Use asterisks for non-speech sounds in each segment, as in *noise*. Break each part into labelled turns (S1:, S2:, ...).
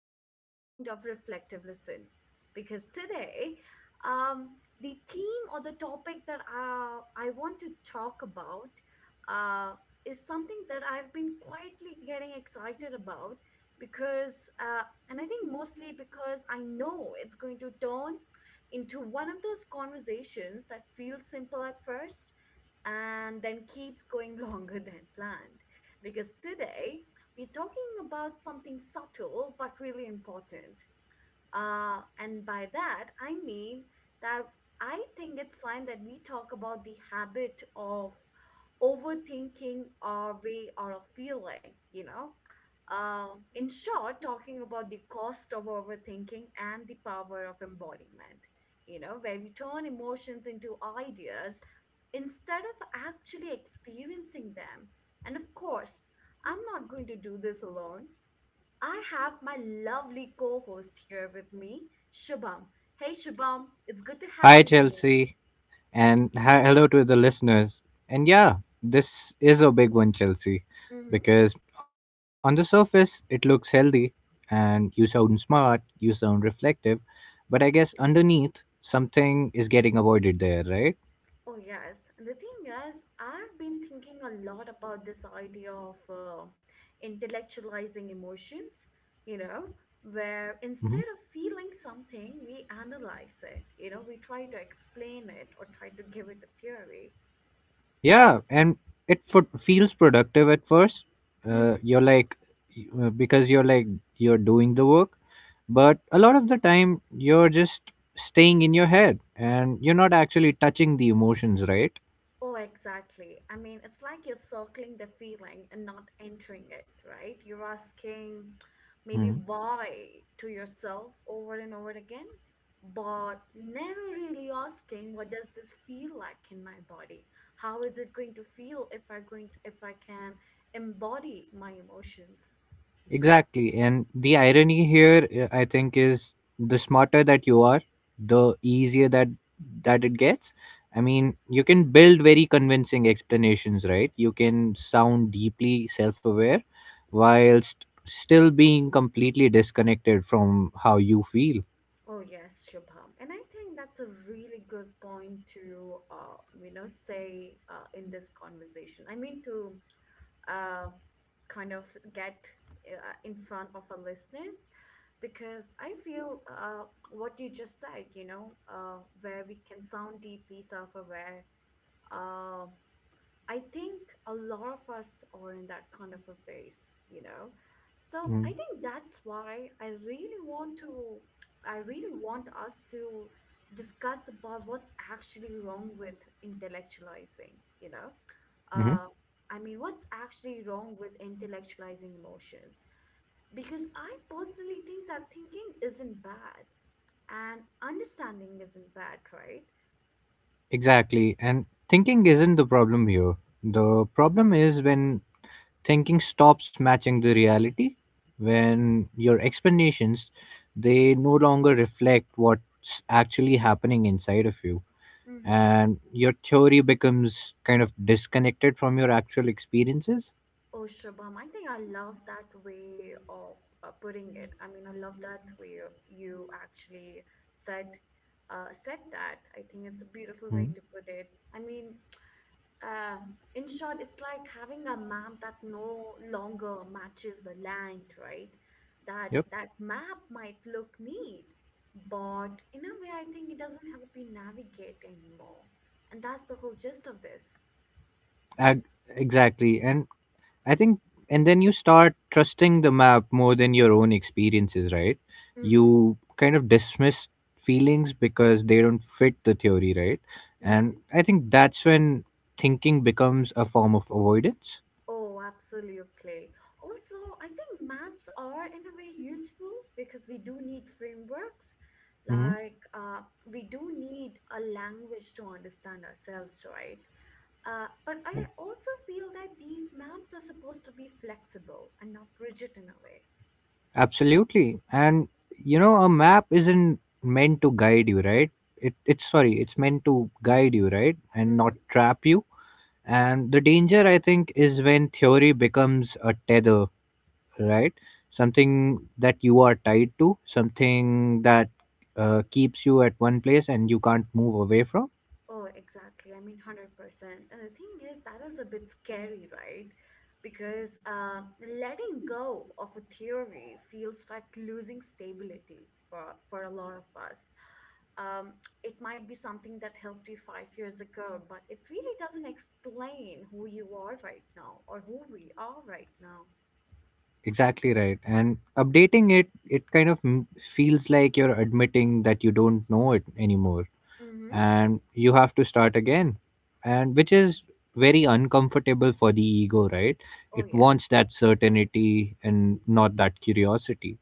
S1: specific kind of reflective listen because today, um, the theme or the topic that I want to talk about uh, is something that I've been quietly getting excited about because, uh, and I think mostly because I know it's going to turn into one of those conversations that feels simple at first and then keeps going *laughs* longer than planned. Because today we're talking about something subtle but really important and by that, I mean that I think it's time that we talk about the habit of overthinking our way or a feeling, you know. uh. in short, talking about the cost of overthinking and the power of embodiment, you know, where we turn emotions into ideas instead of actually experiencing them. And of course, I'm not going to do this alone. I have my lovely co host here with me, Shubham. Hey, Shubham, it's good to have
S2: Hi,
S1: you.
S2: Chelsea, and hello to the listeners. And yeah, this is a big one, Chelsea,
S1: Hmm.
S2: because on the surface it looks healthy and you sound smart, you sound reflective, but I guess underneath something is getting avoided there, right?
S1: Oh, yes. And the thing is, I've been thinking a lot about this idea of intellectualizing emotions, you know, where
S2: Mm-hmm.
S1: instead of feeling something, we analyze it, we try to explain it or try to give it a theory.
S2: Yeah, and it f feels productive at first.
S1: Mm-hmm.
S2: You're like, because you're like, you're doing the work, but a lot of the time you're just staying in your head and you're not actually touching the emotions, right?
S1: Oh, exactly. I mean, it's like you're circling the feeling and not entering it, right? You're asking maybe why to yourself over and over again, but never really asking, what does this feel like in my body? How is it going to feel if I going if I can embody my emotions?
S2: Exactly. And the irony here, I think, is the smarter that you are, the easier that it gets. I mean, you can build very convincing explanations, right? You can sound deeply self-aware whilst still being completely disconnected from how you feel.
S1: Oh yes, Shubham. And I think that's a really good point to say in this conversation. I mean to uh, kind of get in front of our listeners because I feel what you just said, where we can sound deeply self aware. uh. I think a lot of us are in that kind of a phase, you know. So
S2: Mm-hmm.
S1: I think that's why I really want to, I really want us to discuss about what's actually wrong with intellectualizing, you know. Uh, I mean, what's actually wrong with intellectualizing emotions? Because I personally think that thinking isn't bad and understanding isn't bad, right?
S2: Exactly. And thinking isn't the problem here. The problem is when thinking stops matching the reality, when your explanations they no longer reflect what's actually happening inside of you
S1: Mm-hmm.
S2: and your theory becomes kind of disconnected from your actual experiences.
S1: Oh, Shubham, I think I love that way of putting it. I mean, I love that way of- you actually said said that. I think it's a beautiful
S2: Hmm.
S1: way to put it. I mean, uh, in short, it's like having a map that no longer matches the land, right? That
S2: Yep.
S1: that map might look neat, but in a way, I think it doesn't help you navigate anymore. And that's the whole gist of this.
S2: Ag- exactly. And I think, and then you start trusting the map more than your own experiences, right?
S1: Mm-hmm.
S2: You kind of dismiss feelings because they don't fit the theory, right? And
S1: Mm-hmm.
S2: I think that's when thinking becomes a form of avoidance.
S1: Oh, absolutely. Also, I think maps are in a way useful because we do need frameworks.
S2: Hmm
S1: Like, uh, we do need a language to understand ourselves, right? But I also feel that these maps are supposed to be flexible and not rigid in a way.
S2: Absolutely. And, you know, a map isn't meant to guide you, right? It, it's sorry, it's meant to guide you, right? And not trap you. And the danger, I think, is when theory becomes a tether, right? Something that you are tied to, something that keeps you at one place and you can't move away from.
S1: Oh, exactly. I mean, 100%. And the thing is, that is a bit scary, right? Because Letting go of a theory feels like losing stability for a lot of us. Um, it might be something that helped you 5 years ago, but it really doesn't explain who you are right now or who we are right now.
S2: Exactly right. And updating it, it kind of feels like you're admitting that you don't know it anymore
S1: Mm-hmm.
S2: and you have to start again. And which is very uncomfortable for the ego, right?
S1: Oh,
S2: It
S1: yes.
S2: wants that certainty and not that curiosity.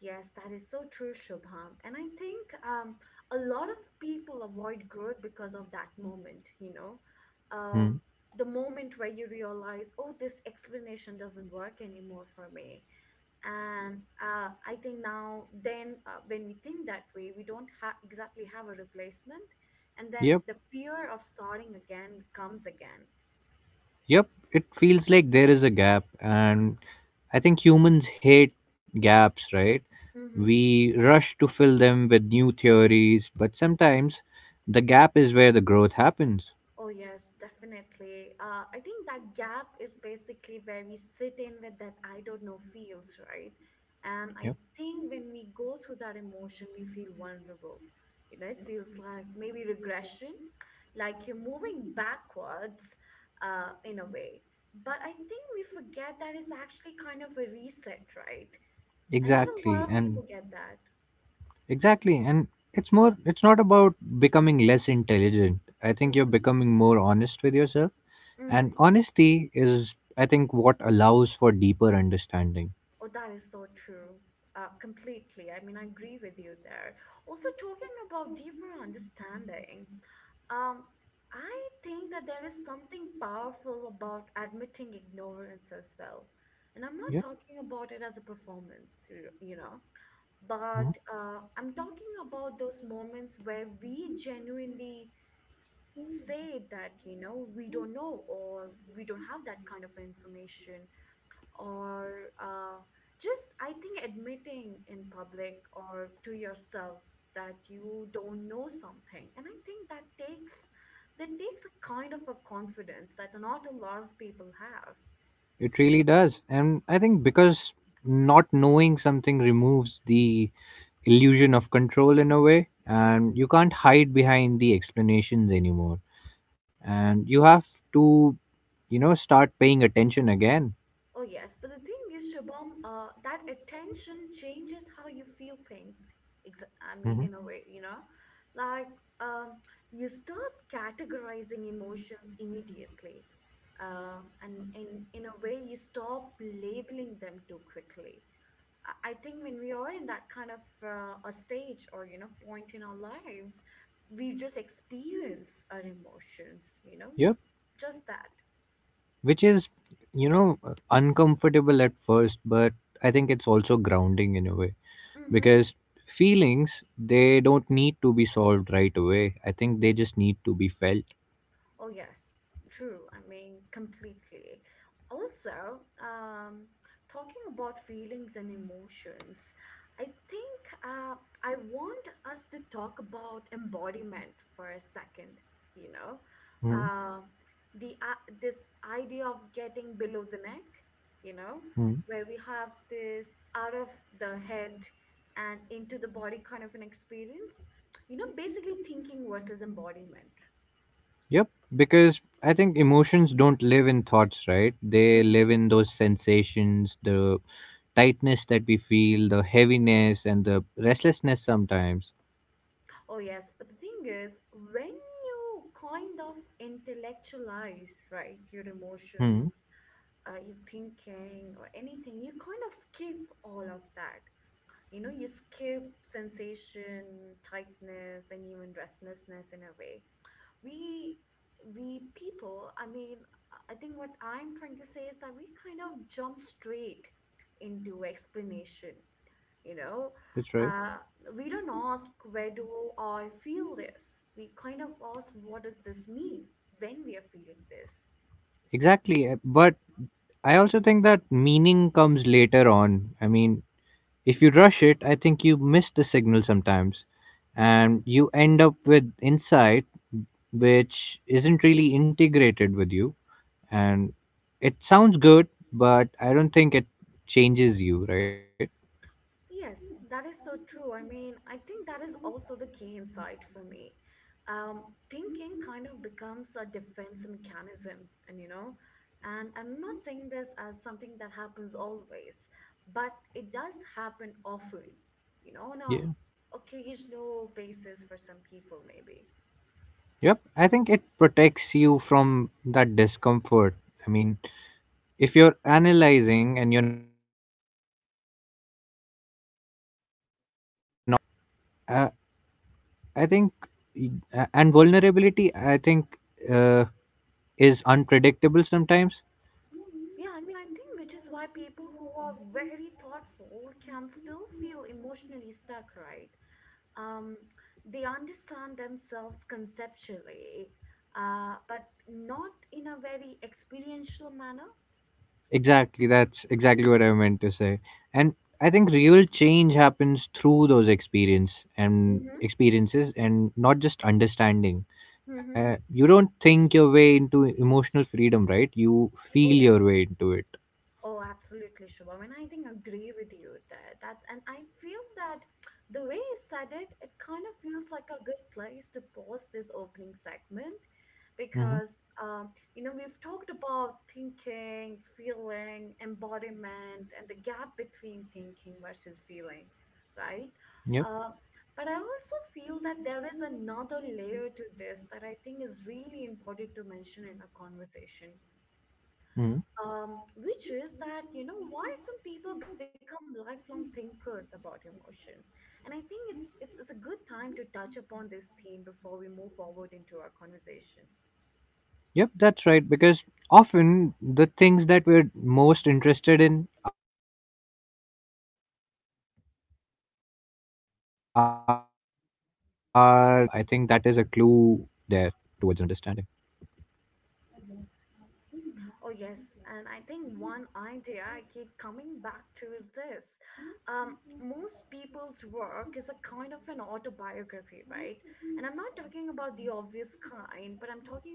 S1: Yes, that is so true, Shubham. And I think a lot of people avoid growth because of that moment, you know.
S2: Hmm.
S1: Um, the moment where you realize, oh, this explanation doesn't work anymore for me. And I think when we think that way, we don't ha- exactly have a replacement. And then
S2: Yep.
S1: the fear of starting again comes again.
S2: Yep, it feels like there is a gap, and I think humans hate gaps, right?
S1: Mm-hmm.
S2: We rush to fill them with new theories, but sometimes the gap is where the growth happens.
S1: Oh, yes, definitely. I think that gap is basically where we sit in with that I don't know feels, right? And I
S2: Yep,
S1: think when we go through that emotion, we feel vulnerable. You know, it feels like maybe regression, like you're moving backwards in a way. But I think we forget that it's actually kind of a reset, right? And not a
S2: exactly.
S1: lot of
S2: And
S1: people get that.
S2: exactly, and it's more, it's not about becoming less intelligent. I think you're
S1: Mm-hmm,
S2: becoming more honest with yourself,
S1: mm-hmm.
S2: and honesty is, I think, what allows for deeper understanding.
S1: Oh, that is so true. Completely. I mean, I agree with you there. Also, talking about deeper understanding, um, I think that there is something powerful about admitting ignorance as well. And I'm not
S2: Yep.
S1: talking about it as a performance, you know,
S2: Mm-hmm.
S1: but I'm talking about those moments where we genuinely say that, you know, we don't know or we don't have that kind of information or uh, just I think admitting in public or to yourself that you don't know something. And I think that takes a kind of a confidence that not a lot of people have.
S2: It really does. And I think because not knowing something removes the illusion of control in a way, and you can't hide behind the explanations anymore. And you have to, you know, start paying attention again.
S1: Oh yes, but the thing is, Shabam, that attention changes how you feel things. Ex- I mean, in a
S2: Hmm
S1: way, you know, like um, you stop categorizing emotions immediately, and in a way, you stop labeling them too quickly. I think when we are in that kind of a stage or you know point in our lives, we just experience our emotions, you know,
S2: Yep.
S1: just that.
S2: Which is, you know, uncomfortable at first, but I think it's also grounding in a way
S1: Mm-hmm.
S2: because feelings, they don't need to be solved right away. I think they just need to be felt.
S1: Oh, yes, true. I mean, completely. Also, talking about feelings and emotions, I think I want us to talk about embodiment for a second, you know,
S2: Hmm
S1: um, the this idea of getting below the neck, you know, where we have this out of the head and into the body kind of an experience, you know, basically thinking versus embodiment.
S2: Yep, because I think emotions don't live in thoughts, right? They live in those sensations, the tightness that we feel, the heaviness, and the restlessness sometimes.
S1: Oh, yes. But the thing is, when you kind of intellectualize, right, your
S2: Hmm,
S1: emotions, your thinking, or anything, you kind of skip all of that. You know, you skip sensation, tightness, and even restlessness in a way. We, we people, I mean, I think what I'm trying to say is that we kind of jump straight into explanation, you know
S2: that's right.
S1: uh, we don't ask, where do I feel this? We kind of ask, what does this mean when we are feeling this?
S2: Exactly. But I also think that meaning comes later on. I mean, if you rush it, I think you miss the signal sometimes and you end up with insight which isn't really integrated with you. And it sounds good, but I don't think it changes you, right?
S1: Yes, that is so true. I mean, I think that is also the key insight for me. um, Thinking kind of becomes a defense mechanism, and you know, and I'm not saying this as something that happens always, but it does happen often, you know, on a
S2: Yeah.
S1: occasional basis for some people maybe.
S2: Yep. I think it protects you from that discomfort. I mean, if you're analyzing and you're not feeling, if you're theorizing and you're not vulnerable, uh, I think, and vulnerability, I think, uh, is unpredictable sometimes.
S1: Yeah, I mean, I think which is why people who are very thoughtful can still feel emotionally stuck, right? Um, they understand themselves conceptually, but not in a very experiential manner.
S2: Exactly, that's exactly what I meant to say. And I think real change happens through those experience and
S1: Mm-hmm.
S2: experiences, and not just understanding.
S1: Mm-hmm.
S2: You don't think your way into emotional freedom, right? You
S1: Oh,
S2: feel
S1: yes.
S2: your way into it.
S1: Oh, absolutely, Shubham. And I think agree with you there. That's and I feel that the way you said it, it kind of feels like a good place to pause this opening segment
S2: Mm-hmm.
S1: because you know, we've talked about thinking, feeling, embodiment, and the gap between thinking versus feeling, right?
S2: Yep.
S1: Uh, but I also feel that there is another layer to this that I think is really important to mention in a conversation,
S2: Mm-hmm.
S1: which is that you know why some people become lifelong thinkers about emotions, and I think it's a good time to touch upon this theme before we move forward into our conversation.
S2: Yep, that's right. Because often the things that we're most interested in are the things that we struggle with the most, right? And that is not a flaw. I think that is a clue there towards understanding.
S1: Oh yes, and I think one idea I keep coming back to is this. um, Most people's work is a kind of an autobiography, right? And I'm not talking about the obvious kind, but I'm talking about an emotional one.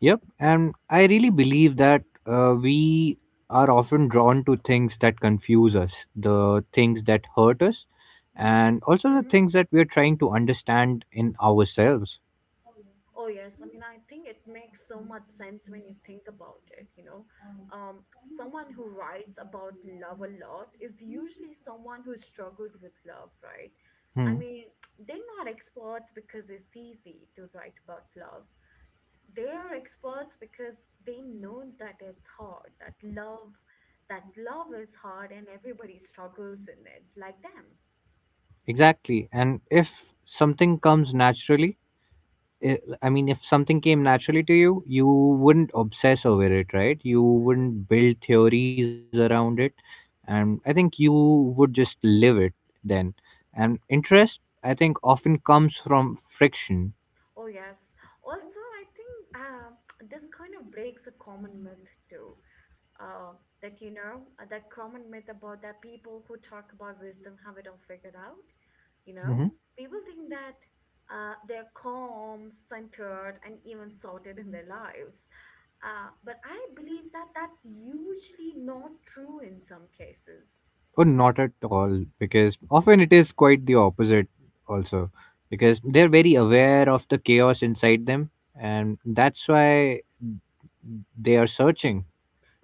S2: Yep, and I really believe that we are often drawn to things that confuse us, the things that hurt us,
S1: Mm-hmm.
S2: and also the things that we're trying to understand in ourselves.
S1: Oh, yes. I mean, I think it makes so much sense when you think about it, you know. Someone who writes about love a lot is usually someone who struggled with love, right? I
S2: Hmm.
S1: mean, they're not experts because it's easy to write about love, they are experts because they know that it's hard, that love is hard and everybody struggles in it like them.
S2: Exactly. And if something comes naturally, I mean, if something came naturally to you, you wouldn't obsess over it, right? You wouldn't build theories around it. And I think you would just live it then. And interest, I think, often comes from friction.
S1: Oh yes, also I think this kind of breaks a common myth too. uh, that you know that common myth about that people who talk about wisdom have it all figured out, you know.
S2: Hmm
S1: People think that they're calm, centered, and even sorted in their lives, but I believe that that's usually not true in some cases.
S2: Or not at all, because often it is quite the opposite, also, because they're very aware of the chaos inside them. And that's why they are searching.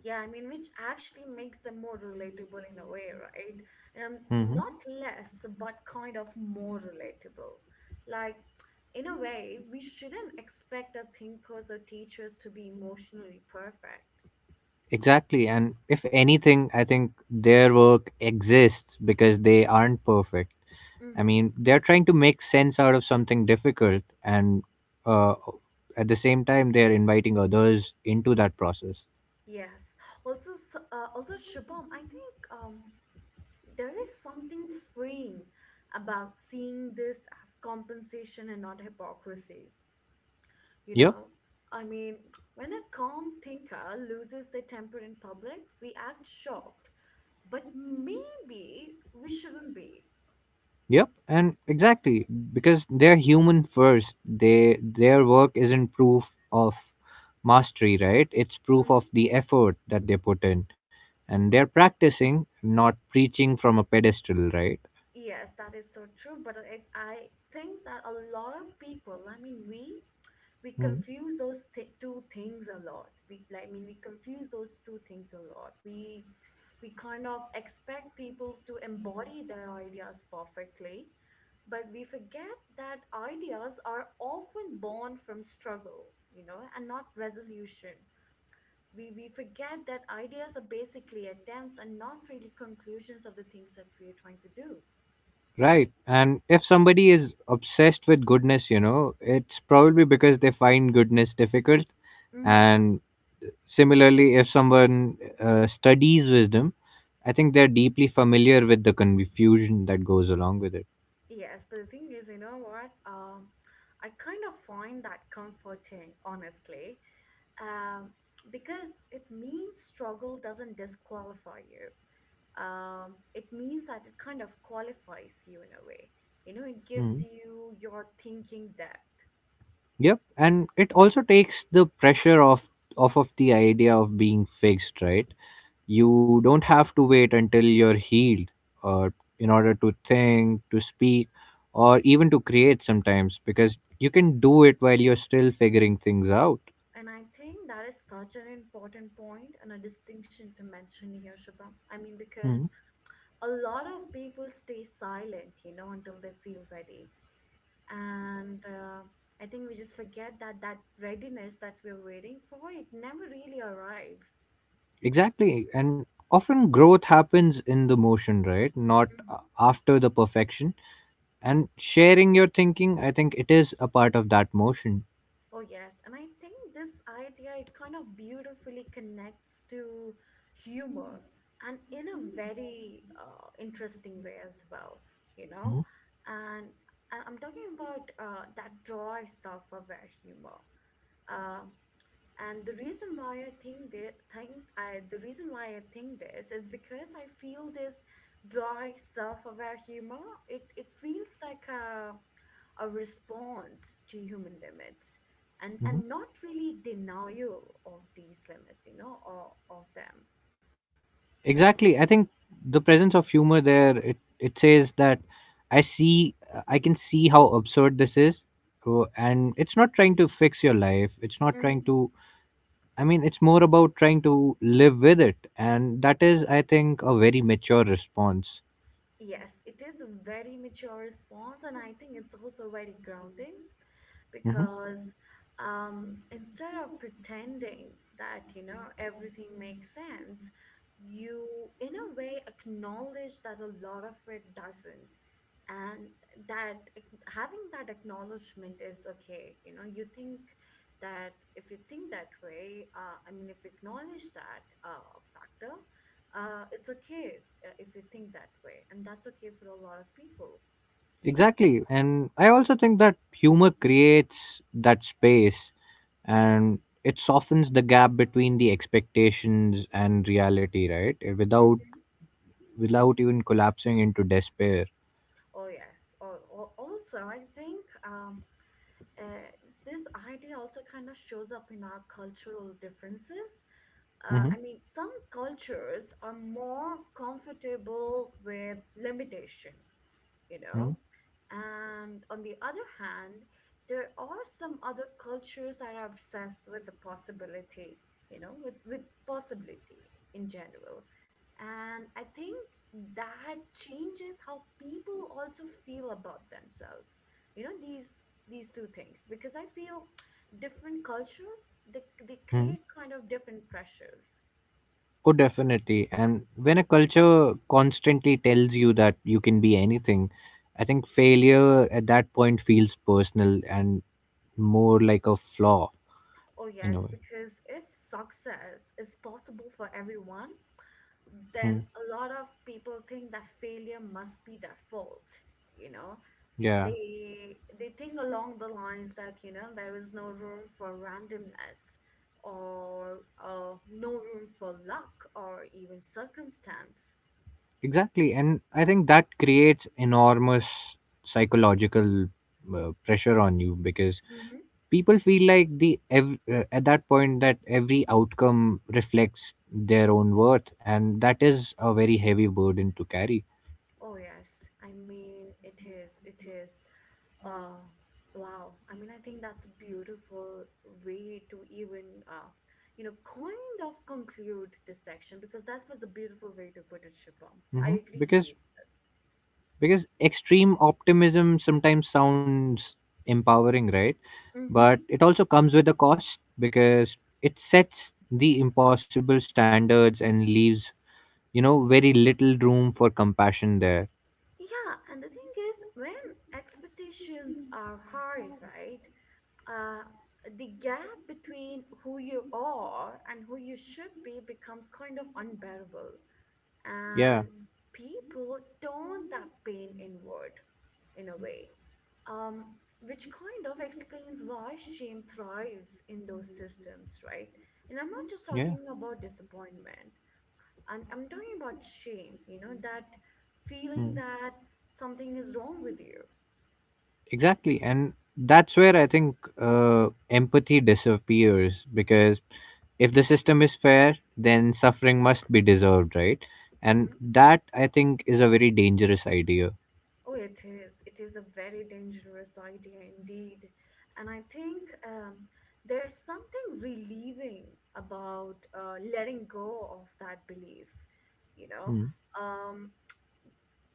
S1: Yeah, I mean, which actually makes them more relatable in a way, right? Not less but kind of more relatable, like in a way, we shouldn't expect our thinkers or teachers to be emotionally perfect.
S2: Exactly. And if anything, I think their work exists because they aren't perfect. I
S1: Mm-hmm.
S2: mean, they're trying to make sense out of something difficult, and uh, at the same time, they're inviting others into that process.
S1: Yes. Also, also Shubham, I think there is something freeing about seeing this as compensation and not hypocrisy. You
S2: Yep.
S1: know, I mean, when a calm thinker loses their temper in public, we act shocked, but maybe we shouldn't be.
S2: Yep. And exactly because they're human first, they their work isn't proof of mastery, right? It's proof of the effort that they put in, and they're practicing, not preaching from a pedestal, right?
S1: Yes, that is so true. But I think that a lot of people, I mean, we confuse those two things a lot. We like, I mean, we confuse those two things a lot. We kind of expect people to embody their ideas perfectly, but we forget that ideas are often born from struggle, and not resolution. We forget that ideas are basically attempts and not really conclusions of the things that we are trying to do.
S2: Right. And if somebody is obsessed with goodness, you know, it's probably because they find goodness difficult.
S1: Mm-hmm.
S2: And similarly, if someone studies wisdom, I think they're deeply familiar with the confusion that goes along with it.
S1: Yes, but the thing is, you know what? I kind of find that comforting, honestly, um, because it means struggle doesn't disqualify you. It means that it kind of qualifies you in a way. You know, it gives you your thinking depth.
S2: Yep, and it also takes the pressure off off of the idea of being fixed, right? You don't have to wait until you're healed uh, in order to think, to speak, or even to create sometimes because you can do it while you're still figuring things out.
S1: And I think that is such an important point and a distinction to mention here, Shubham. I mean,
S2: Hmm.
S1: because a lot of people stay silent, you know, until they feel ready and I think we just forget that that readiness that we're waiting for it never really arrives.
S2: Exactly. And often growth happens in the motion, right? Not after the perfection. And sharing your thinking, I think it is a part of that motion.
S1: Oh yes, and I think this idea it kind of beautifully connects to humor and in a very interesting way as well, you know. And I'm talking about that dry self-aware humor. Um, And the reason why I think that think I the reason why I think this is because I feel this dry self-aware humor. It feels like a response to human limits, and
S2: Mhm.
S1: not really denial of these limits, you know, or of them.
S2: Exactly. I think the presence of humor there it, it says that I see I can see how absurd this is, and it's not trying to fix your life. It's not trying
S1: Hmm.
S2: to, I mean it's more about trying to live with it and that is I think a very mature response.
S1: Yes, it is a very mature response, and I think it's also very grounding.
S2: Hmm
S1: Because um, instead of pretending that you know everything makes sense, you in a way acknowledge that a lot of it doesn't, and that having that acknowledgement is okay, you know. You think that if you think that way, I mean if you acknowledge that factor, it's okay if you think that way, and that's okay for a lot of people.
S2: Exactly. And I also think that humor creates that space and it softens the gap between the expectations and reality, right? Without even collapsing into despair.
S1: Oh yes. Also, I think uh, this idea also kind of shows up in our cultural differences. I
S2: Hmm
S1: mean, some cultures are more comfortable with limitation, you
S2: hmm
S1: know. And on the other hand, there are some other cultures that are obsessed with the possibility, you know, with possibility in general. And I think that changes how people also feel about themselves. You know, these two things. Because I feel different cultures, they
S2: hmm
S1: create kind of different pressures.
S2: Oh, definitely. And when a culture constantly tells you that you can be anything, I think failure at that point feels personal and more like a flaw
S1: Oh
S2: in a
S1: yes,
S2: way.
S1: because if success is possible for everyone,
S2: Hmm
S1: then a lot of people think that failure must be their fault, you know.
S2: Yeah.
S1: They think along the lines that you know there is no room for randomness, or no room for luck or even circumstance.
S2: Exactly, and I think that creates enormous psychological pressure on you because
S1: Hmm.
S2: people feel like at that point that every outcome reflects their own worth, and that is a very heavy burden to carry.
S1: Oh yes, I mean it is. Uh, wow. I mean, I think that's a beautiful way to even, you know, kind of conclude this section, because that was a beautiful way to put it, Shubham. I
S2: Hmm
S1: agree with you.
S2: Because extreme optimism sometimes sounds empowering, right?
S1: Mm-hmm.
S2: But it also comes with a cost because it sets the impossible standards and leaves, you know, very little room for compassion there.
S1: Yeah, and the thing is, when expectations are high, right? Uh, the gap between who you are and who you should be becomes kind of unbearable. And
S2: Yeah.
S1: people turn that pain inward, in a way, um, which kind of explains why shame thrives in those systems, right? And I'm not just
S2: Yeah.
S1: talking about disappointment. I'm talking about shame, you know, that feeling
S2: mm.
S1: that something is wrong with you.
S2: Exactly, and that's where I think, empathy disappears because if the system is fair then suffering must be deserved, right? And
S1: Mm-hmm.
S2: that I think is a very dangerous idea.
S1: Oh, it is. It is a very dangerous idea indeed. And I think there is something relieving about letting go of that belief. You know,
S2: Mm.
S1: um,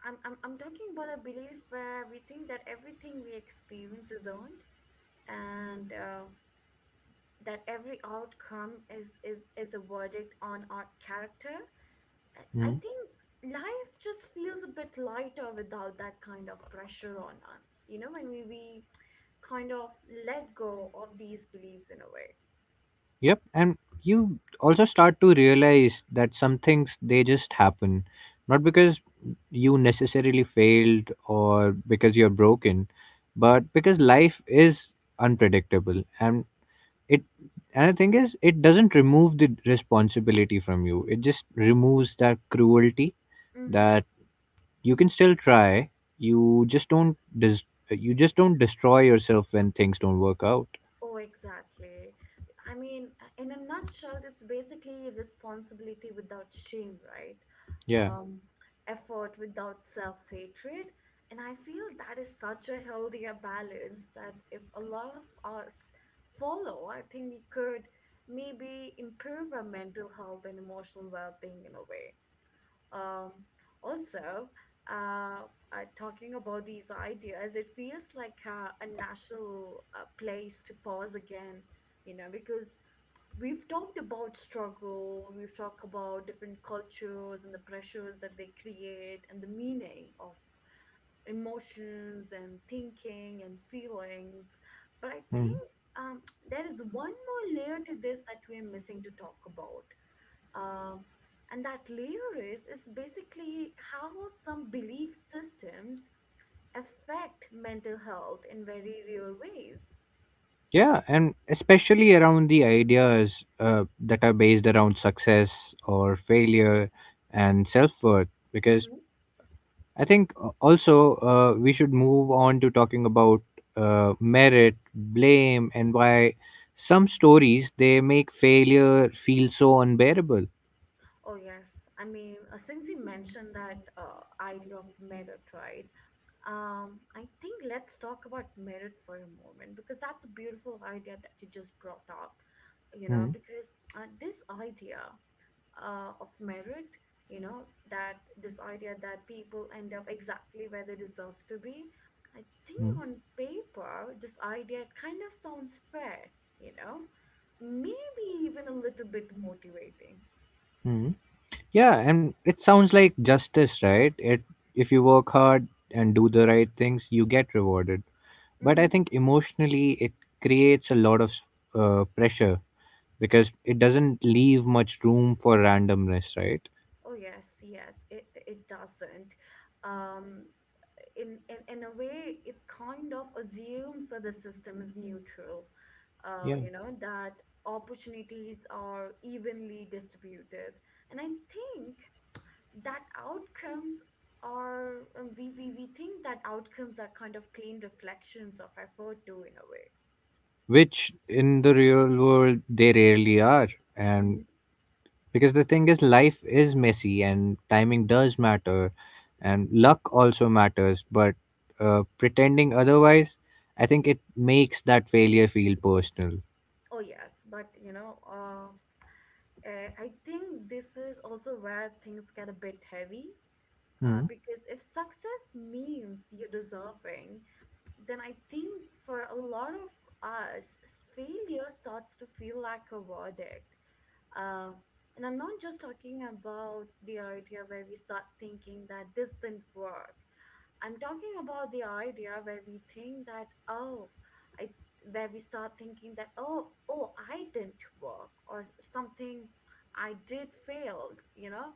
S1: I'm talking about a belief where we think that everything we experience is earned, and that every outcome is a verdict on our character. I
S2: Mm.
S1: think life just feels a bit lighter without that kind of pressure on us, you know, when we kind of let go of these beliefs in a way.
S2: Yep, and you also start to realize that some things they just happen, not because you necessarily failed or because you're broken, but because life is unpredictable and it, and the thing is it doesn't remove the responsibility from you. It just removes that cruelty
S1: Mm-hmm.
S2: that you can still try. You just don't des- you just don't destroy yourself when things don't work out.
S1: Oh, exactly. I mean, in a nutshell, it's basically responsibility without shame, right?
S2: Yeah.
S1: um, Effort without self hatred. And I feel that is such a healthier balance that if a lot of us follow, I think we could maybe improve our mental health and emotional well being in a way. Um, Also, uh, talking about these ideas, it feels like a national place to pause again, you know, because we've talked about struggle, we've talked about different cultures and the pressures that they create and the meaning of emotions and thinking and feelings. But I think
S2: Hmm.
S1: um, there is one more layer to this that we're missing to talk about. Uh, and that layer is basically how some belief systems affect mental health in very real ways.
S2: Yeah, and especially around the ideas that are based around success or failure and self worth. Because
S1: Mm-hmm.
S2: I think also we should move on to talking about merit, blame, and why some stories they make failure feel so unbearable.
S1: Oh, yes. I mean, since you mentioned that idea of merit, right? I think let's talk about merit for a moment, because that's a beautiful idea that you just brought up, you know,
S2: Mm-hmm.
S1: because this idea of merit, you know, that this idea that people end up exactly where they deserve to be, I think
S2: Mm-hmm.
S1: on paper, this idea it kind of sounds fair, you know, maybe even a little bit motivating.
S2: Mm-hmm. Yeah, and it sounds like justice, right? It if you work hard and do the right things, you get rewarded. But I
S1: Mm-hmm.
S2: think emotionally, it creates a lot of pressure because it doesn't leave much room for randomness, right?
S1: Oh yes, yes, it doesn't. Um, in a way, it kind of assumes that the system is neutral.
S2: Yeah,
S1: You know that opportunities are evenly distributed, and I think that outcomes are we think that outcomes are kind of clean reflections of effort too in a way.
S2: which in the real world they rarely are,
S1: Mhm.
S2: and because the thing is life is messy and timing does matter and luck also matters but pretending otherwise I think it makes that failure feel personal.
S1: Oh yes, but you know, I think this is also where things get a bit heavy.
S2: Hmm.
S1: Because if success means you're deserving, then I think for a lot of us, failure starts to feel like a verdict. Uh, and I'm not just talking about the idea where we start thinking that this didn't work. I'm talking about the idea where we think that, I, where we start thinking that, oh, I didn't work, or something I did failed, you know?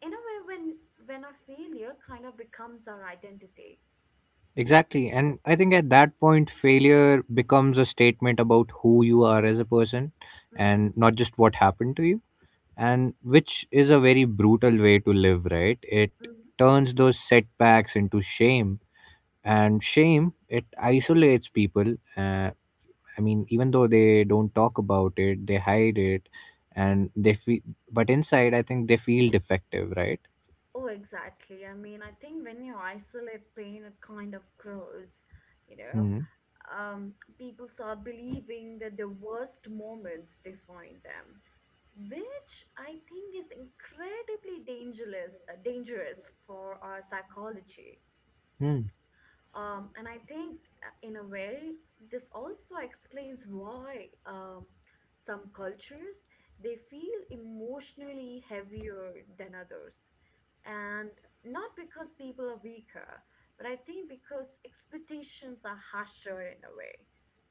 S1: In a way when a failure kind of becomes our identity.
S2: Exactly, and I think at that point failure becomes a statement about who you are as a person
S1: Hmm.
S2: and not just what happened to you, and which is a very brutal way to live, right? It
S1: Hmm.
S2: turns those setbacks into shame, and shame it isolates people, I mean, even though they don't talk about it, they hide it, and they feel. But inside, I think they feel defective, right?
S1: Oh exactly, I mean I think when you isolate pain it kind of grows, you know.
S2: Hmm.
S1: um, People start believing that the worst moments define them, which I think is incredibly dangerous, dangerous for our psychology.
S2: Hmm.
S1: And I think, in a way, this also explains why some cultures they feel emotionally heavier than others, and not because people are weaker, but I think because expectations are harsher in a way,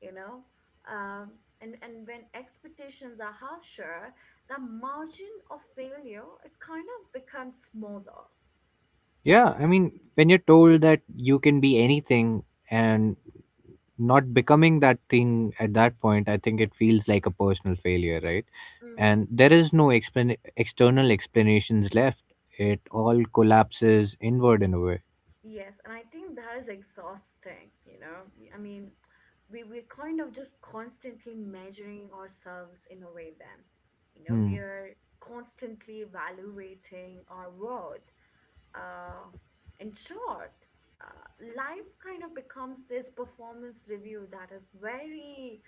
S1: you know. And when expectations are harsher, the margin of failure it kind of becomes smaller.
S2: Yeah, I mean, when you're told that you can be anything and not becoming that thing at that point, I think it feels like a personal failure, right?
S1: Mm-hmm.
S2: And there is no external explanations left. It all collapses inward in a way.
S1: Yes, and I think that is exhausting, you know. I mean, we we're kind of just constantly measuring ourselves in a way then. You know,
S2: Hmm.
S1: we are constantly evaluating our worth. Uh, in short, life kind of becomes this performance review that is very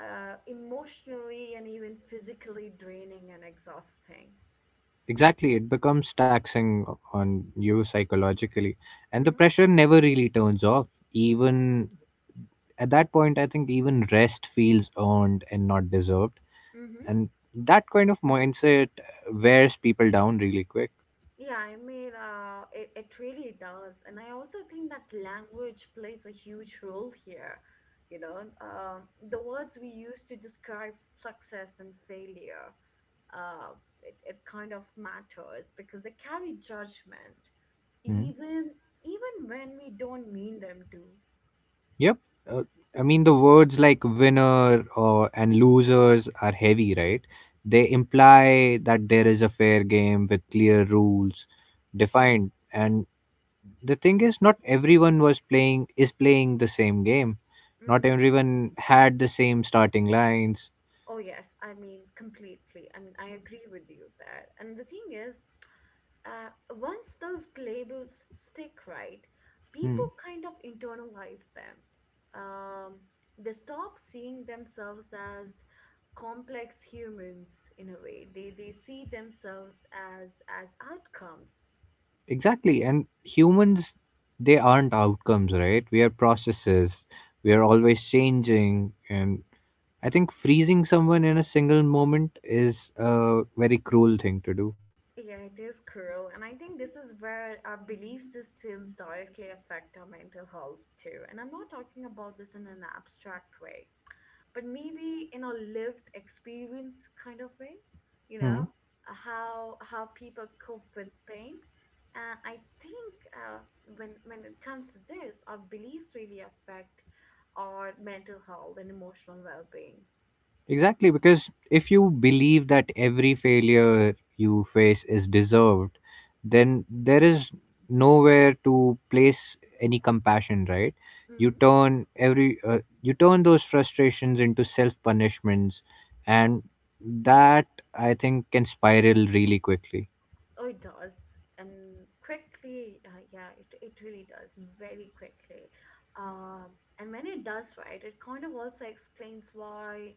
S1: emotionally and even physically draining and exhausting.
S2: Exactly, it becomes taxing on you psychologically, and the
S1: Mm-hmm.
S2: pressure never really turns off. Even at that point, I think even rest feels earned and not deserved,
S1: Mm-hmm.
S2: and that kind of mindset wears people down really quick.
S1: Yeah, I mean, it really does. And I also think that language plays a huge role here. You know, the words we use to describe success and failure, uh, it kind of matters because they carry judgment,
S2: Mhm.
S1: even even when we don't mean them to.
S2: Yep. Uh, I mean, the words like winner or and losers are heavy, right? They imply that there is a fair game with clear rules defined, and the thing is not everyone was playing is playing the same game. Not
S1: Hmm.
S2: everyone had the same starting lines.
S1: Oh yes, I mean completely. I mean, I agree with you there. And the thing is, uh, once those labels stick, right, people
S2: Hmm.
S1: kind of internalize them. Um, they stop seeing themselves as complex humans in a way. They see themselves as outcomes.
S2: Exactly, and humans, they aren't outcomes, right? We are processes, we are always changing, and I think freezing someone in a single moment is a very cruel thing to do.
S1: Yeah, it is cruel, and I think this is where our belief systems directly affect our mental health too. And I'm not talking about this in an abstract way, but maybe in a lived experience kind of way, you know.
S2: Hmm.
S1: How people cope with pain, and I think uh, when it comes to this, our beliefs really affect our mental health and emotional well-being.
S2: Exactly, because if you believe that every failure you face is deserved, then there is nowhere to place any compassion, right? You
S1: Mhm.
S2: turn every you turn those frustrations into self punishments, and that I think can spiral really quickly.
S1: Oh, it does. And quickly, yeah, it really does very quickly. Um, and when it does, right, it kind of also explains why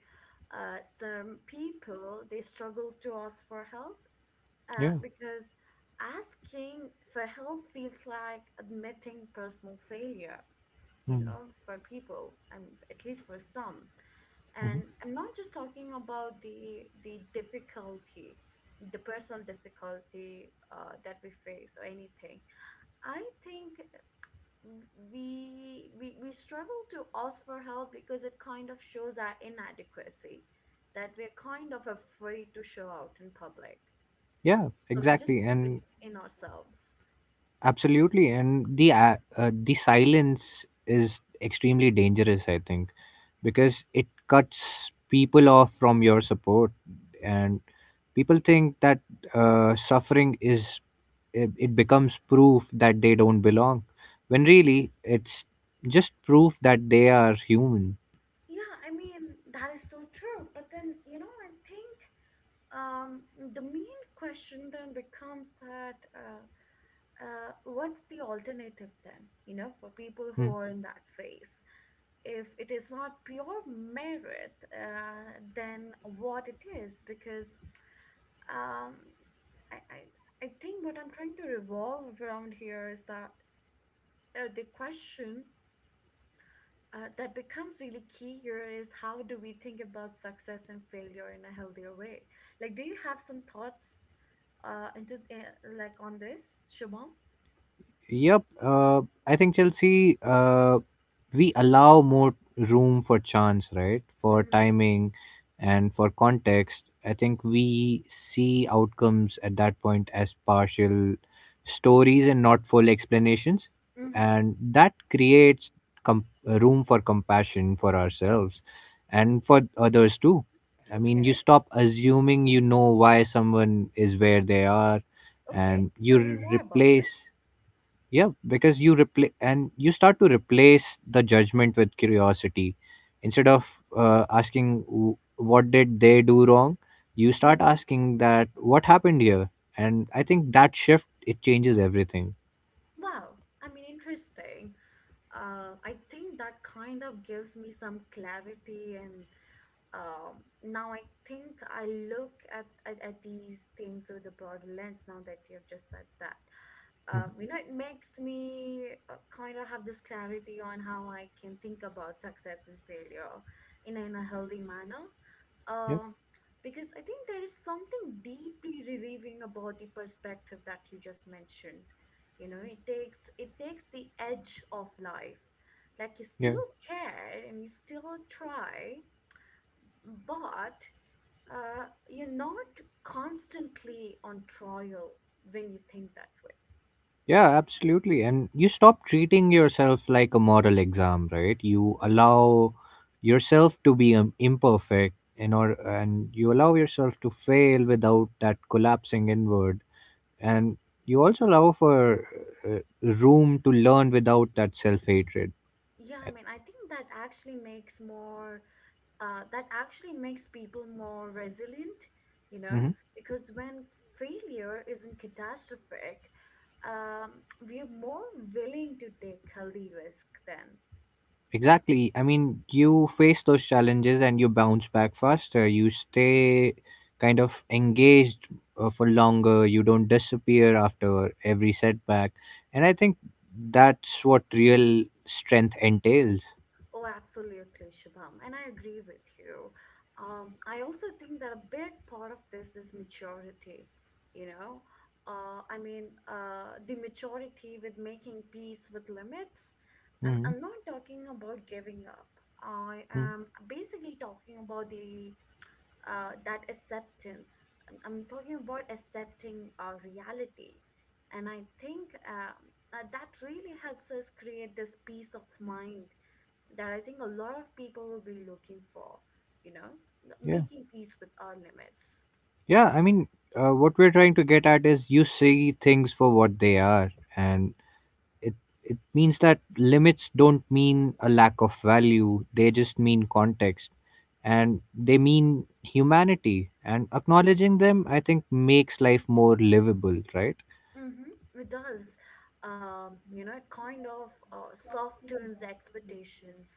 S1: some people they struggle to ask for help,
S2: Yeah.
S1: because asking for help feels like admitting personal failure, you
S2: Mm-hmm.
S1: know, for people. I mean, at least for some. And I'm not just talking about the difficulty, the personal difficulty that we face or anything. I think we struggle to ask for help because it kind of shows our inadequacy that we're kind of afraid to show out in public,
S2: Yeah,
S1: so we just
S2: exactly.
S1: keep it
S2: And
S1: in ourselves.
S2: absolutely, and the silence is extremely dangerous. I think because it cuts people off from your support, and people think that suffering is it becomes proof that they don't belong, when really it's just proof that they are human.
S1: Yeah, I mean that is so true. But then you know I think um, the main question then becomes that what's the alternative then, you know, for people who
S2: Hmm.
S1: are in that phase? If it is not pure merit, then what it is? Because um, I think what I'm trying to revolve around here is that the question that becomes really key here is how do we think about success and failure in a healthier way? Like, do you have some thoughts into like on this, Shubham?
S2: Yep, I think Chelsea, we allow more room for chance, right? For
S1: Mm-hmm.
S2: timing and for context. I think we see outcomes at that point as partial stories and not full explanations.
S1: Mm-hmm.
S2: And that creates room for compassion for ourselves and for others too. I mean, you
S1: Okay.
S2: stop assuming you know why someone is where they are
S1: Okay,
S2: and you
S1: tell me more about it.
S2: replace, yeah, because you replace and you start to replace the judgment with curiosity. Instead of asking, "W- what did they do wrong," you
S1: Hmm.
S2: start asking that what happened here. And I think that shift, it changes everything.
S1: Wow, I mean, interesting. I think that kind of gives me some clarity and now I think I look at these things with a broader lens now that you've just said that. You
S2: Mm,
S1: know, it makes me kind of have this clarity on how I can think about success and failure in, in a healthy manner.
S2: yeah,
S1: Um, because I think there is something deeply relieving about the perspective that you just mentioned. You know, it takes the edge of life. Like you
S2: yeah,
S1: still care and you still try, but you're not constantly on trial when you think that way.
S2: yeah, absolutely. And you stop treating yourself like a moral exam, right? You
S1: Mhm.
S2: allow yourself to be imperfect, in or and you allow yourself to fail without that collapsing inward, and you also allow for room to learn without that self-hatred.
S1: Yeah, I mean, I think that actually makes more, that actually makes people more resilient, you know,
S2: Hmm.
S1: because when failure isn't catastrophic, we're more willing to take healthy risk then.
S2: Exactly, I mean you face those challenges and you bounce back faster. You stay kind of engaged for longer, you don't disappear after every setback, and I think that's what real strength entails.
S1: Oh, absolutely, Shubham. And I agree with you. I also think that a big part of this is maturity, you know. I mean, the maturity with making peace with limits. And
S2: Hmm.
S1: I'm not talking about giving up. I
S2: Mm.
S1: am basically talking about the that acceptance. I'm talking about accepting our reality. And I think that really helps us create this peace of mind that I think a lot of people will be looking for, you know,
S2: Yeah,
S1: making peace with our limits.
S2: yeah I mean, what we're trying to get at is you see things for what they are, and it it means that limits don't mean a lack of value, they just mean context, and they mean humanity, and acknowledging them I think makes life more livable, right?
S1: Mm-hmm, it does. You know, it kind of softens expectations.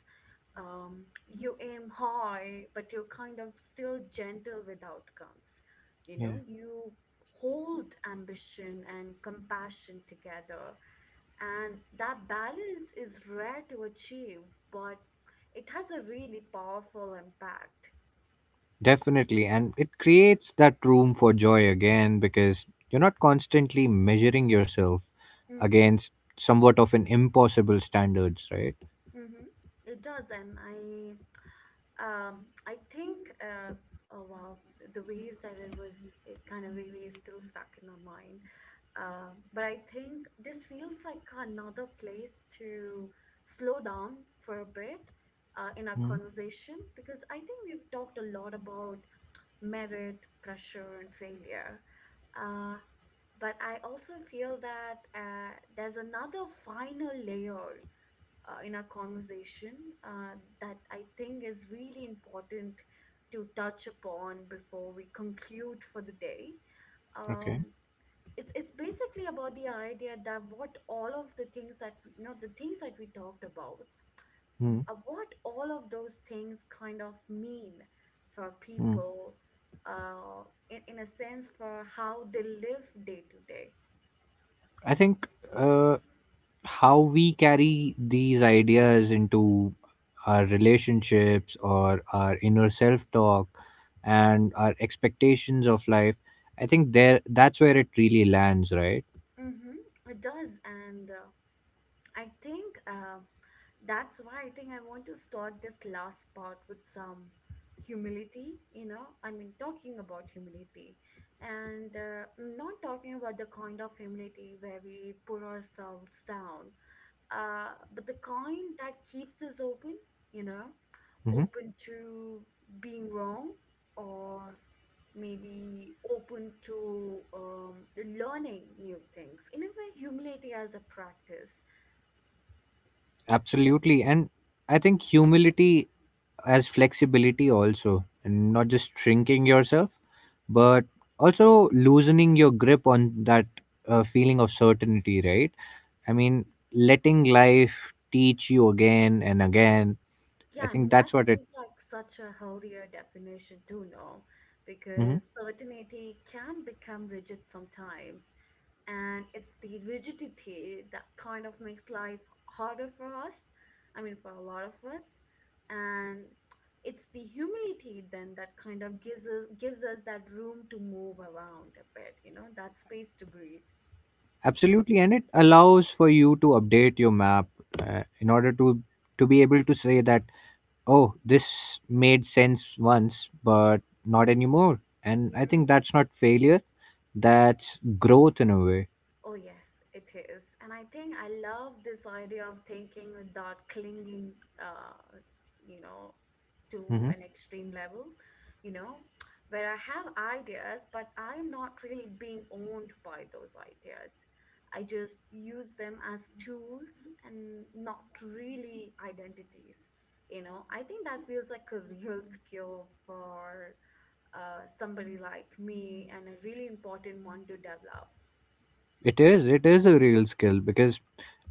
S1: You aim high, but you're kind of still gentle with outcomes. You know,
S2: Yeah.
S1: you hold ambition and compassion together. And that balance is rare to achieve, but it has a really powerful impact.
S2: Definitely, and it creates that room for joy again because you're not constantly measuring yourself against somewhat of an impossible standards, right?
S1: Mm-hmm. It does, and I think oh wow, the way you said it was it kind of really is still stuck in my mind. But I think this feels like another place to slow down for a bit in our
S2: Mm.
S1: conversation because I think we've talked a lot about merit, pressure, and failure. Uh, but I also feel that there's another final layer in our conversation uh, that I think is really important to touch upon before we conclude for the day.
S2: Okay.
S1: Um, it's basically about the idea that what all of the things that we, you know, the things that we talked about, s-
S2: Mm.
S1: what all of those things kind of mean for
S2: Mm.
S1: people, in a sense for how they live day to day.
S2: I think uh, how we carry these ideas into our relationships or our inner self talk and our expectations of life, I think there that's where it really lands, right?
S1: Mm-hmm, it does, and. I think that's why I think I want to start this last part with some humility, you know. I mean, talking about humility and not talking about the kind of humility where we put ourselves down, but the kind that keeps us open, you know,
S2: Mhm.
S1: open to being wrong or maybe open to learning new things. In a way, humility as a practice.
S2: Absolutely. And I think humility as flexibility also, and not just shrinking yourself, but also loosening your grip on that feeling of certainty, right? I mean, letting life teach you again and again. I
S1: Yeah, I
S2: think
S1: mean, that
S2: that's what it.
S1: feels like such a healthier definition to know
S2: Mhm.
S1: because certainty can become rigid sometimes. And it's the rigidity that kind of makes life harder for us. I mean, for a lot of us. And it's the humility then that kind of gives us that room to move around a bit, you know, that space to breathe.
S2: Absolutely, and it allows for you to update your map in order to be able to say that oh, this made sense once but not anymore. And I think that's not failure, that's growth in a way.
S1: Oh, yes, it is. And I think I love this idea of thinking without clinging, uh, you know, to
S2: Hmm.
S1: an extreme level, you know, where I have ideas, but I'm not really being owned by those ideas. I just use them as tools and not really identities. You know, I think that feels like a *laughs* real skill for somebody like me and a really important one to develop.
S2: It is, it is a real skill because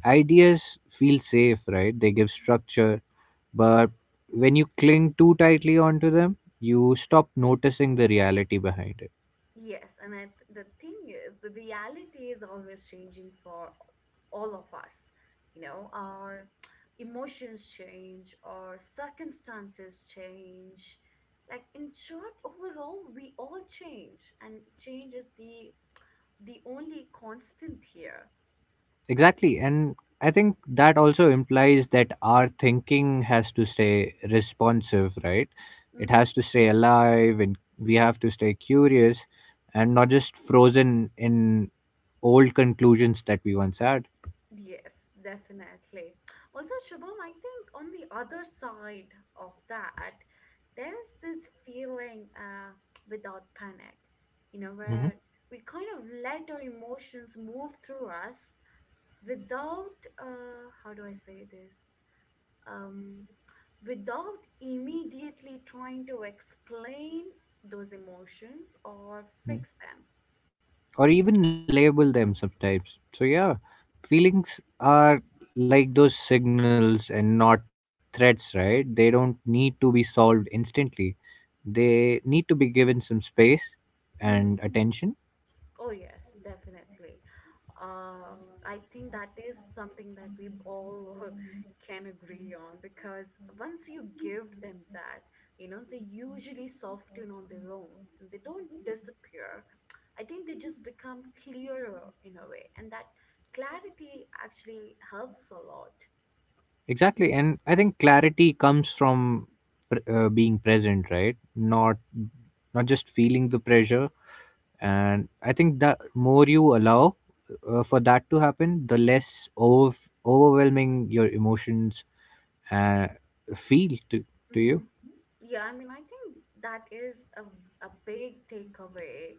S2: ideas feel safe, right? They give structure, but when you cling too tightly onto them, you stop noticing the reality behind it.
S1: Yes, and the thing is, the reality is always changing for all of us. You know, our emotions change, our circumstances change. Like in short, overall, we all change, and change is the only constant here.
S2: Exactly. And I think that also implies that our thinking has to stay responsive, right? It
S1: Mm-hmm.
S2: has to stay alive and we have to stay curious and not just frozen in old conclusions that we once had.
S1: Yes, definitely. Also, Shubham, I think on the other side of that, there is this feeling without panic, you know,
S2: Hmm.
S1: where we kind of let our emotions move through us without, how do I say this? Um, Without immediately trying to explain those emotions or fix them.
S2: Or even label them sometimes. So, yeah, feelings are like those signals and not threats, right? They don't need to be solved instantly, they need to be given some space and
S1: Mm-hmm.
S2: attention.
S1: Oh, yes, definitely. I think that is something that we all *laughs* can agree on because once you give them that, you know, they usually soften on their own and they don't disappear. I think they just become clearer in a way, and that clarity actually helps a lot.
S2: Exactly. And I think clarity comes from being present, right? Not just feeling the pressure, and I think that more you allow for that to happen, the overwhelming your emotions uh, feel to
S1: Mm-hmm.
S2: you.
S1: Yeah, I mean, I think that is a big takeaway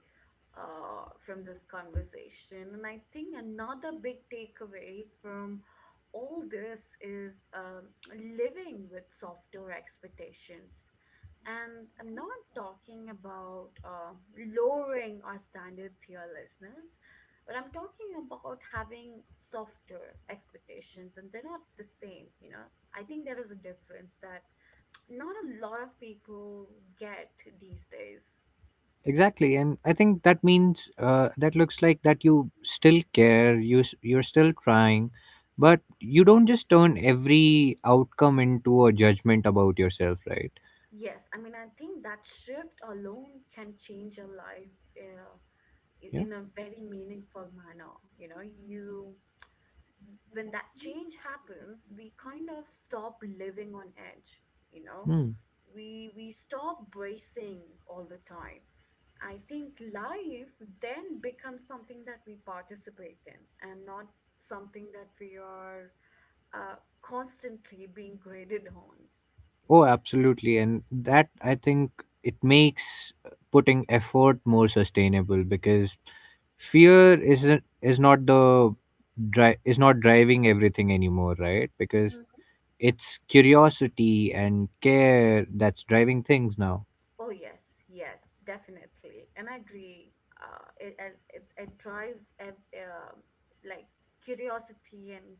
S1: from this conversation. And I think another big takeaway from all this is living with softer expectations. And I'm not talking about lowering our standards here, listeners, but I'm talking about having softer expectations, and they're not the same, you know. I think there is a difference that not a lot of people get these days.
S2: Exactly, and I think that means that looks like that you still care, you you're still trying, but you don't just turn every outcome into a judgment about yourself, right?
S1: Yes, I mean, I think that shift alone can change your life uh,
S2: Yeah.
S1: in a very meaningful manner. You know, you when that change happens, we kind of stop living on edge, you know,
S2: Hmm.
S1: we stop bracing all the time. I think life then becomes something that we participate in and not something that we are uh, constantly being graded on.
S2: Oh, absolutely, and that I think it makes putting effort more sustainable because fear isn't is not the dri- is not driving everything anymore, right? Because it's curiosity and care that's driving things now.
S1: Oh yes, yes, definitely, and I agree. It drives like curiosity and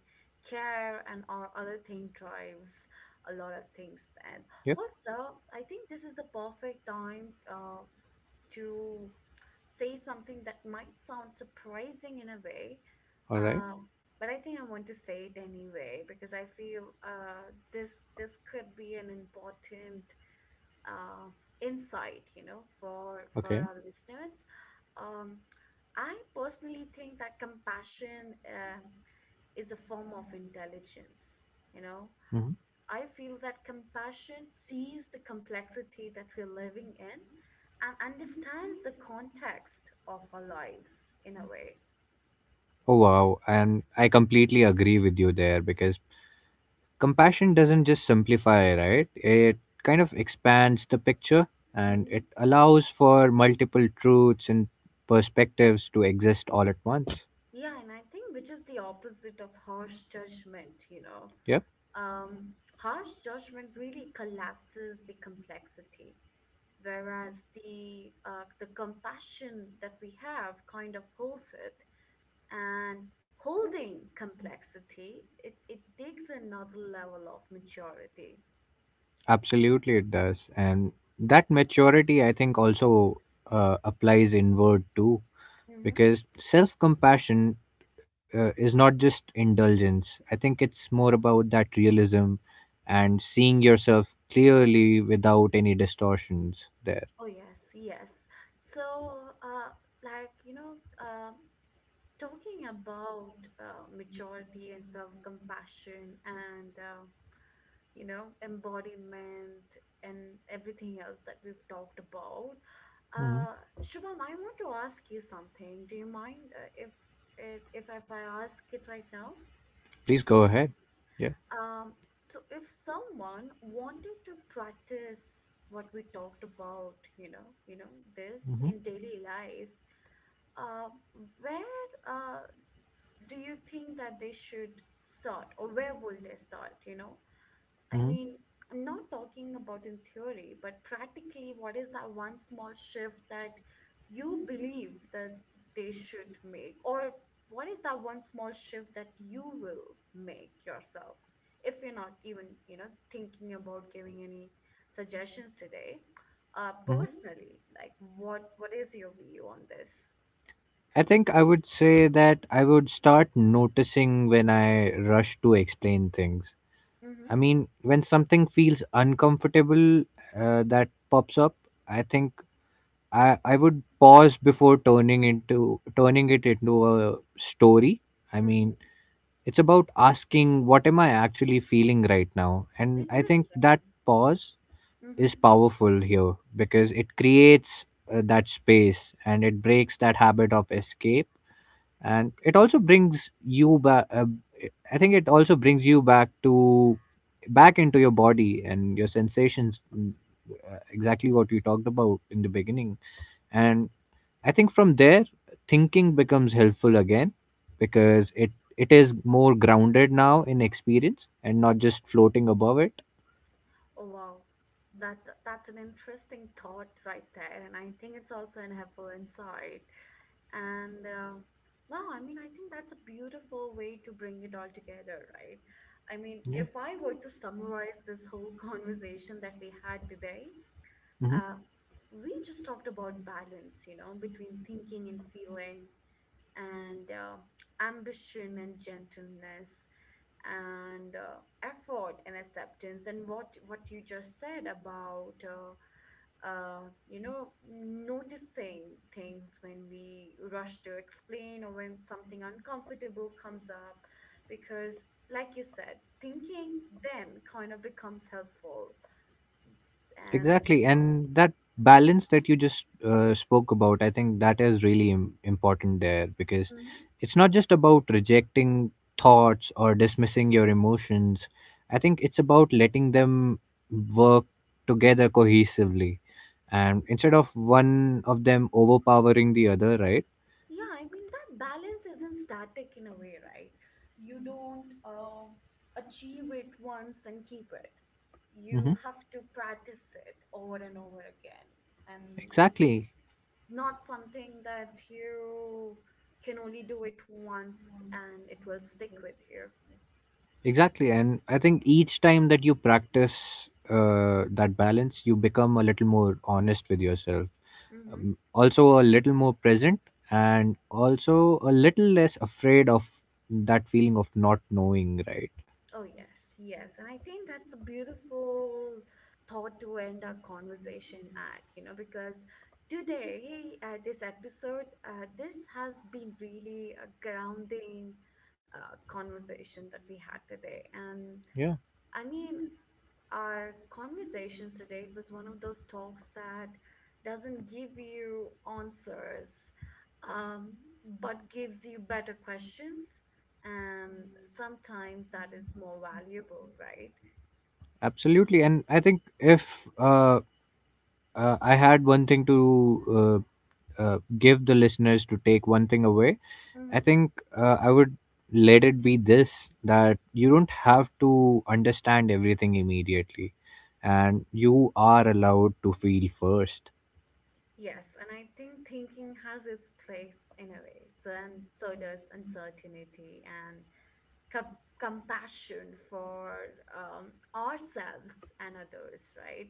S1: care and all other thing drives a lot of things. And
S2: Yep.
S1: also, I think this is the perfect time to say something that might sound surprising in a way,
S2: All right.
S1: uh, but I think I want to say it anyway because I feel this could be an important uh, insight, you know, for
S2: Okay.
S1: our listeners. Um, I personally think that compassion is a form of intelligence. You know,
S2: Hmm.
S1: I feel that compassion sees the complexity that we're living in and understands the context of our lives in a way.
S2: Oh, wow. And I completely agree with you there because compassion doesn't just simplify, right? It kind of expands the picture and it
S1: Mhm.
S2: allows for multiple truths and perspectives to exist all at once.
S1: Yeah, and I think which is the opposite of harsh judgment, you know.
S2: Yep.
S1: Um, Harsh judgment really collapses the complexity. Whereas the compassion that we have kind of holds it, and holding complexity it takes another level of maturity.
S2: Absolutely, it does. And that maturity, I think, also applies inward too
S1: Hmm.
S2: because self-compassion is not just indulgence. I think it's more about that realism and seeing yourself clearly without any distortions there.
S1: Oh yes, yes. So uh, like you know, um, talking about maturity and self-compassion and you know, embodiment and everything else that we've talked about.
S2: Hmm.
S1: Uh, Shubham, I want to ask you something. Do you mind if I ask it right now?
S2: Please go ahead. Yeah.
S1: Um, so if someone wanted to practice what we talked about, you know, this
S2: hmm
S1: in daily life, uh, where do you think that they should start, or where will they start? You know, I mean,
S2: hmm
S1: I'm not talking about in theory, but practically, what is that one small shift that you believe that they should make? Or what is that one small shift that you will make yourself? If you're not even, you know, thinking about giving any suggestions today,
S2: hmm.
S1: personally, like what is your view on this?
S2: I think I would say that I would start noticing when I rush to explain things.
S1: Mm-hmm.
S2: I mean, when something feels uncomfortable that pops up, I think I would pause before turning it into a story. I
S1: Mm-hmm.
S2: mean, it's about asking what am I actually feeling right now? And I think
S1: Interesting.
S2: that pause
S1: Mm-hmm.
S2: is powerful here because it creates that space and it breaks that habit of escape, and it also brings you back I think it also brings you back to back into your body and your sensations. Exactly what we talked about in the beginning, and I think from there thinking becomes helpful again because it is more grounded now in experience and not just floating above it.
S1: Oh wow. That that's an interesting thought right there, and I think it's also an helpful insight. And wow, I mean, I think that's a beautiful way to bring it all together, right? I mean,
S2: Yeah.
S1: if I were to summarize this whole *laughs* conversation that we had today, uh,
S2: Mhm.
S1: we just talked about balance, you know, between thinking and feeling, and ambition and gentleness, and effort and acceptance and what you just said about uh, you know, noticing things when we rush to explain or when something uncomfortable comes up because like you said thinking then kind of becomes helpful and
S2: Exactly, and that balance that you just spoke about, I think that is really important there because
S1: Mhm.
S2: it's not just about rejecting thoughts or dismissing your emotions. I think it's about letting them work together cohesively, and instead of one of them overpowering the other, right?
S1: Yeah, I mean, that balance isn't static in a way, right? You don't achieve it once and keep it. You
S2: Hmm.
S1: have to practice it over and over again. And it's
S2: Exactly,
S1: not something that you can only do it once and it will stick with you.
S2: exactly, and I think each time that you practice that balance, you become a little more honest with yourself,
S1: Hmm.
S2: also a little more present, and also a little less afraid of that feeling of not knowing, right?
S1: Oh, yes, yes. And I think that's a beautiful thought to end our conversation at, you know, because today, this episode, this has been really a grounding conversation that we had today. And
S2: Yeah,
S1: I mean, our conversations today, it was one of those talks that doesn't give you answers, um, but gives you better questions. And sometimes that is more valuable, right?
S2: absolutely. And I think if uh, I had one thing to give the listeners to take one thing away, I
S1: Hmm.
S2: think I would let it be this, that you don't have to understand everything immediately and you are allowed to feel first.
S1: Yes, and I think thinking has its place in a way. So, and so does uncertainty and compassion for ourselves and others, right?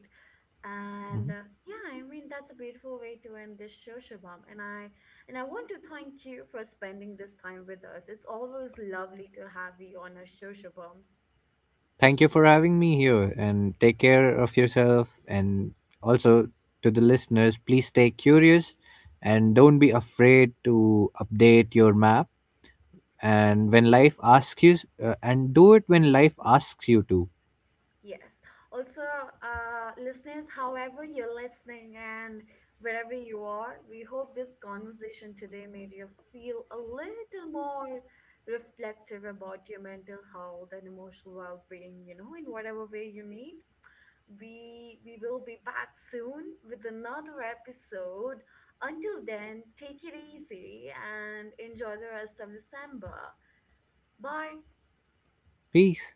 S1: And yeah, I mean that's a beautiful way to end this show, Shabam. And I want to thank you for spending this time with us. It's always lovely to have you on our show, Shabam.
S2: Thank you for having me here and take care of yourself. And also to the listeners, please stay curious and don't be afraid to update your map. And do it when life asks you to.
S1: Yes. Also, listeners, however you're listening and wherever you are, we hope this conversation today made you feel a little more reflective about your mental health and emotional well-being. You know, in whatever way you need. We will be back soon with another episode. Until then, take it easy and enjoy the rest of December. Bye.
S2: Peace.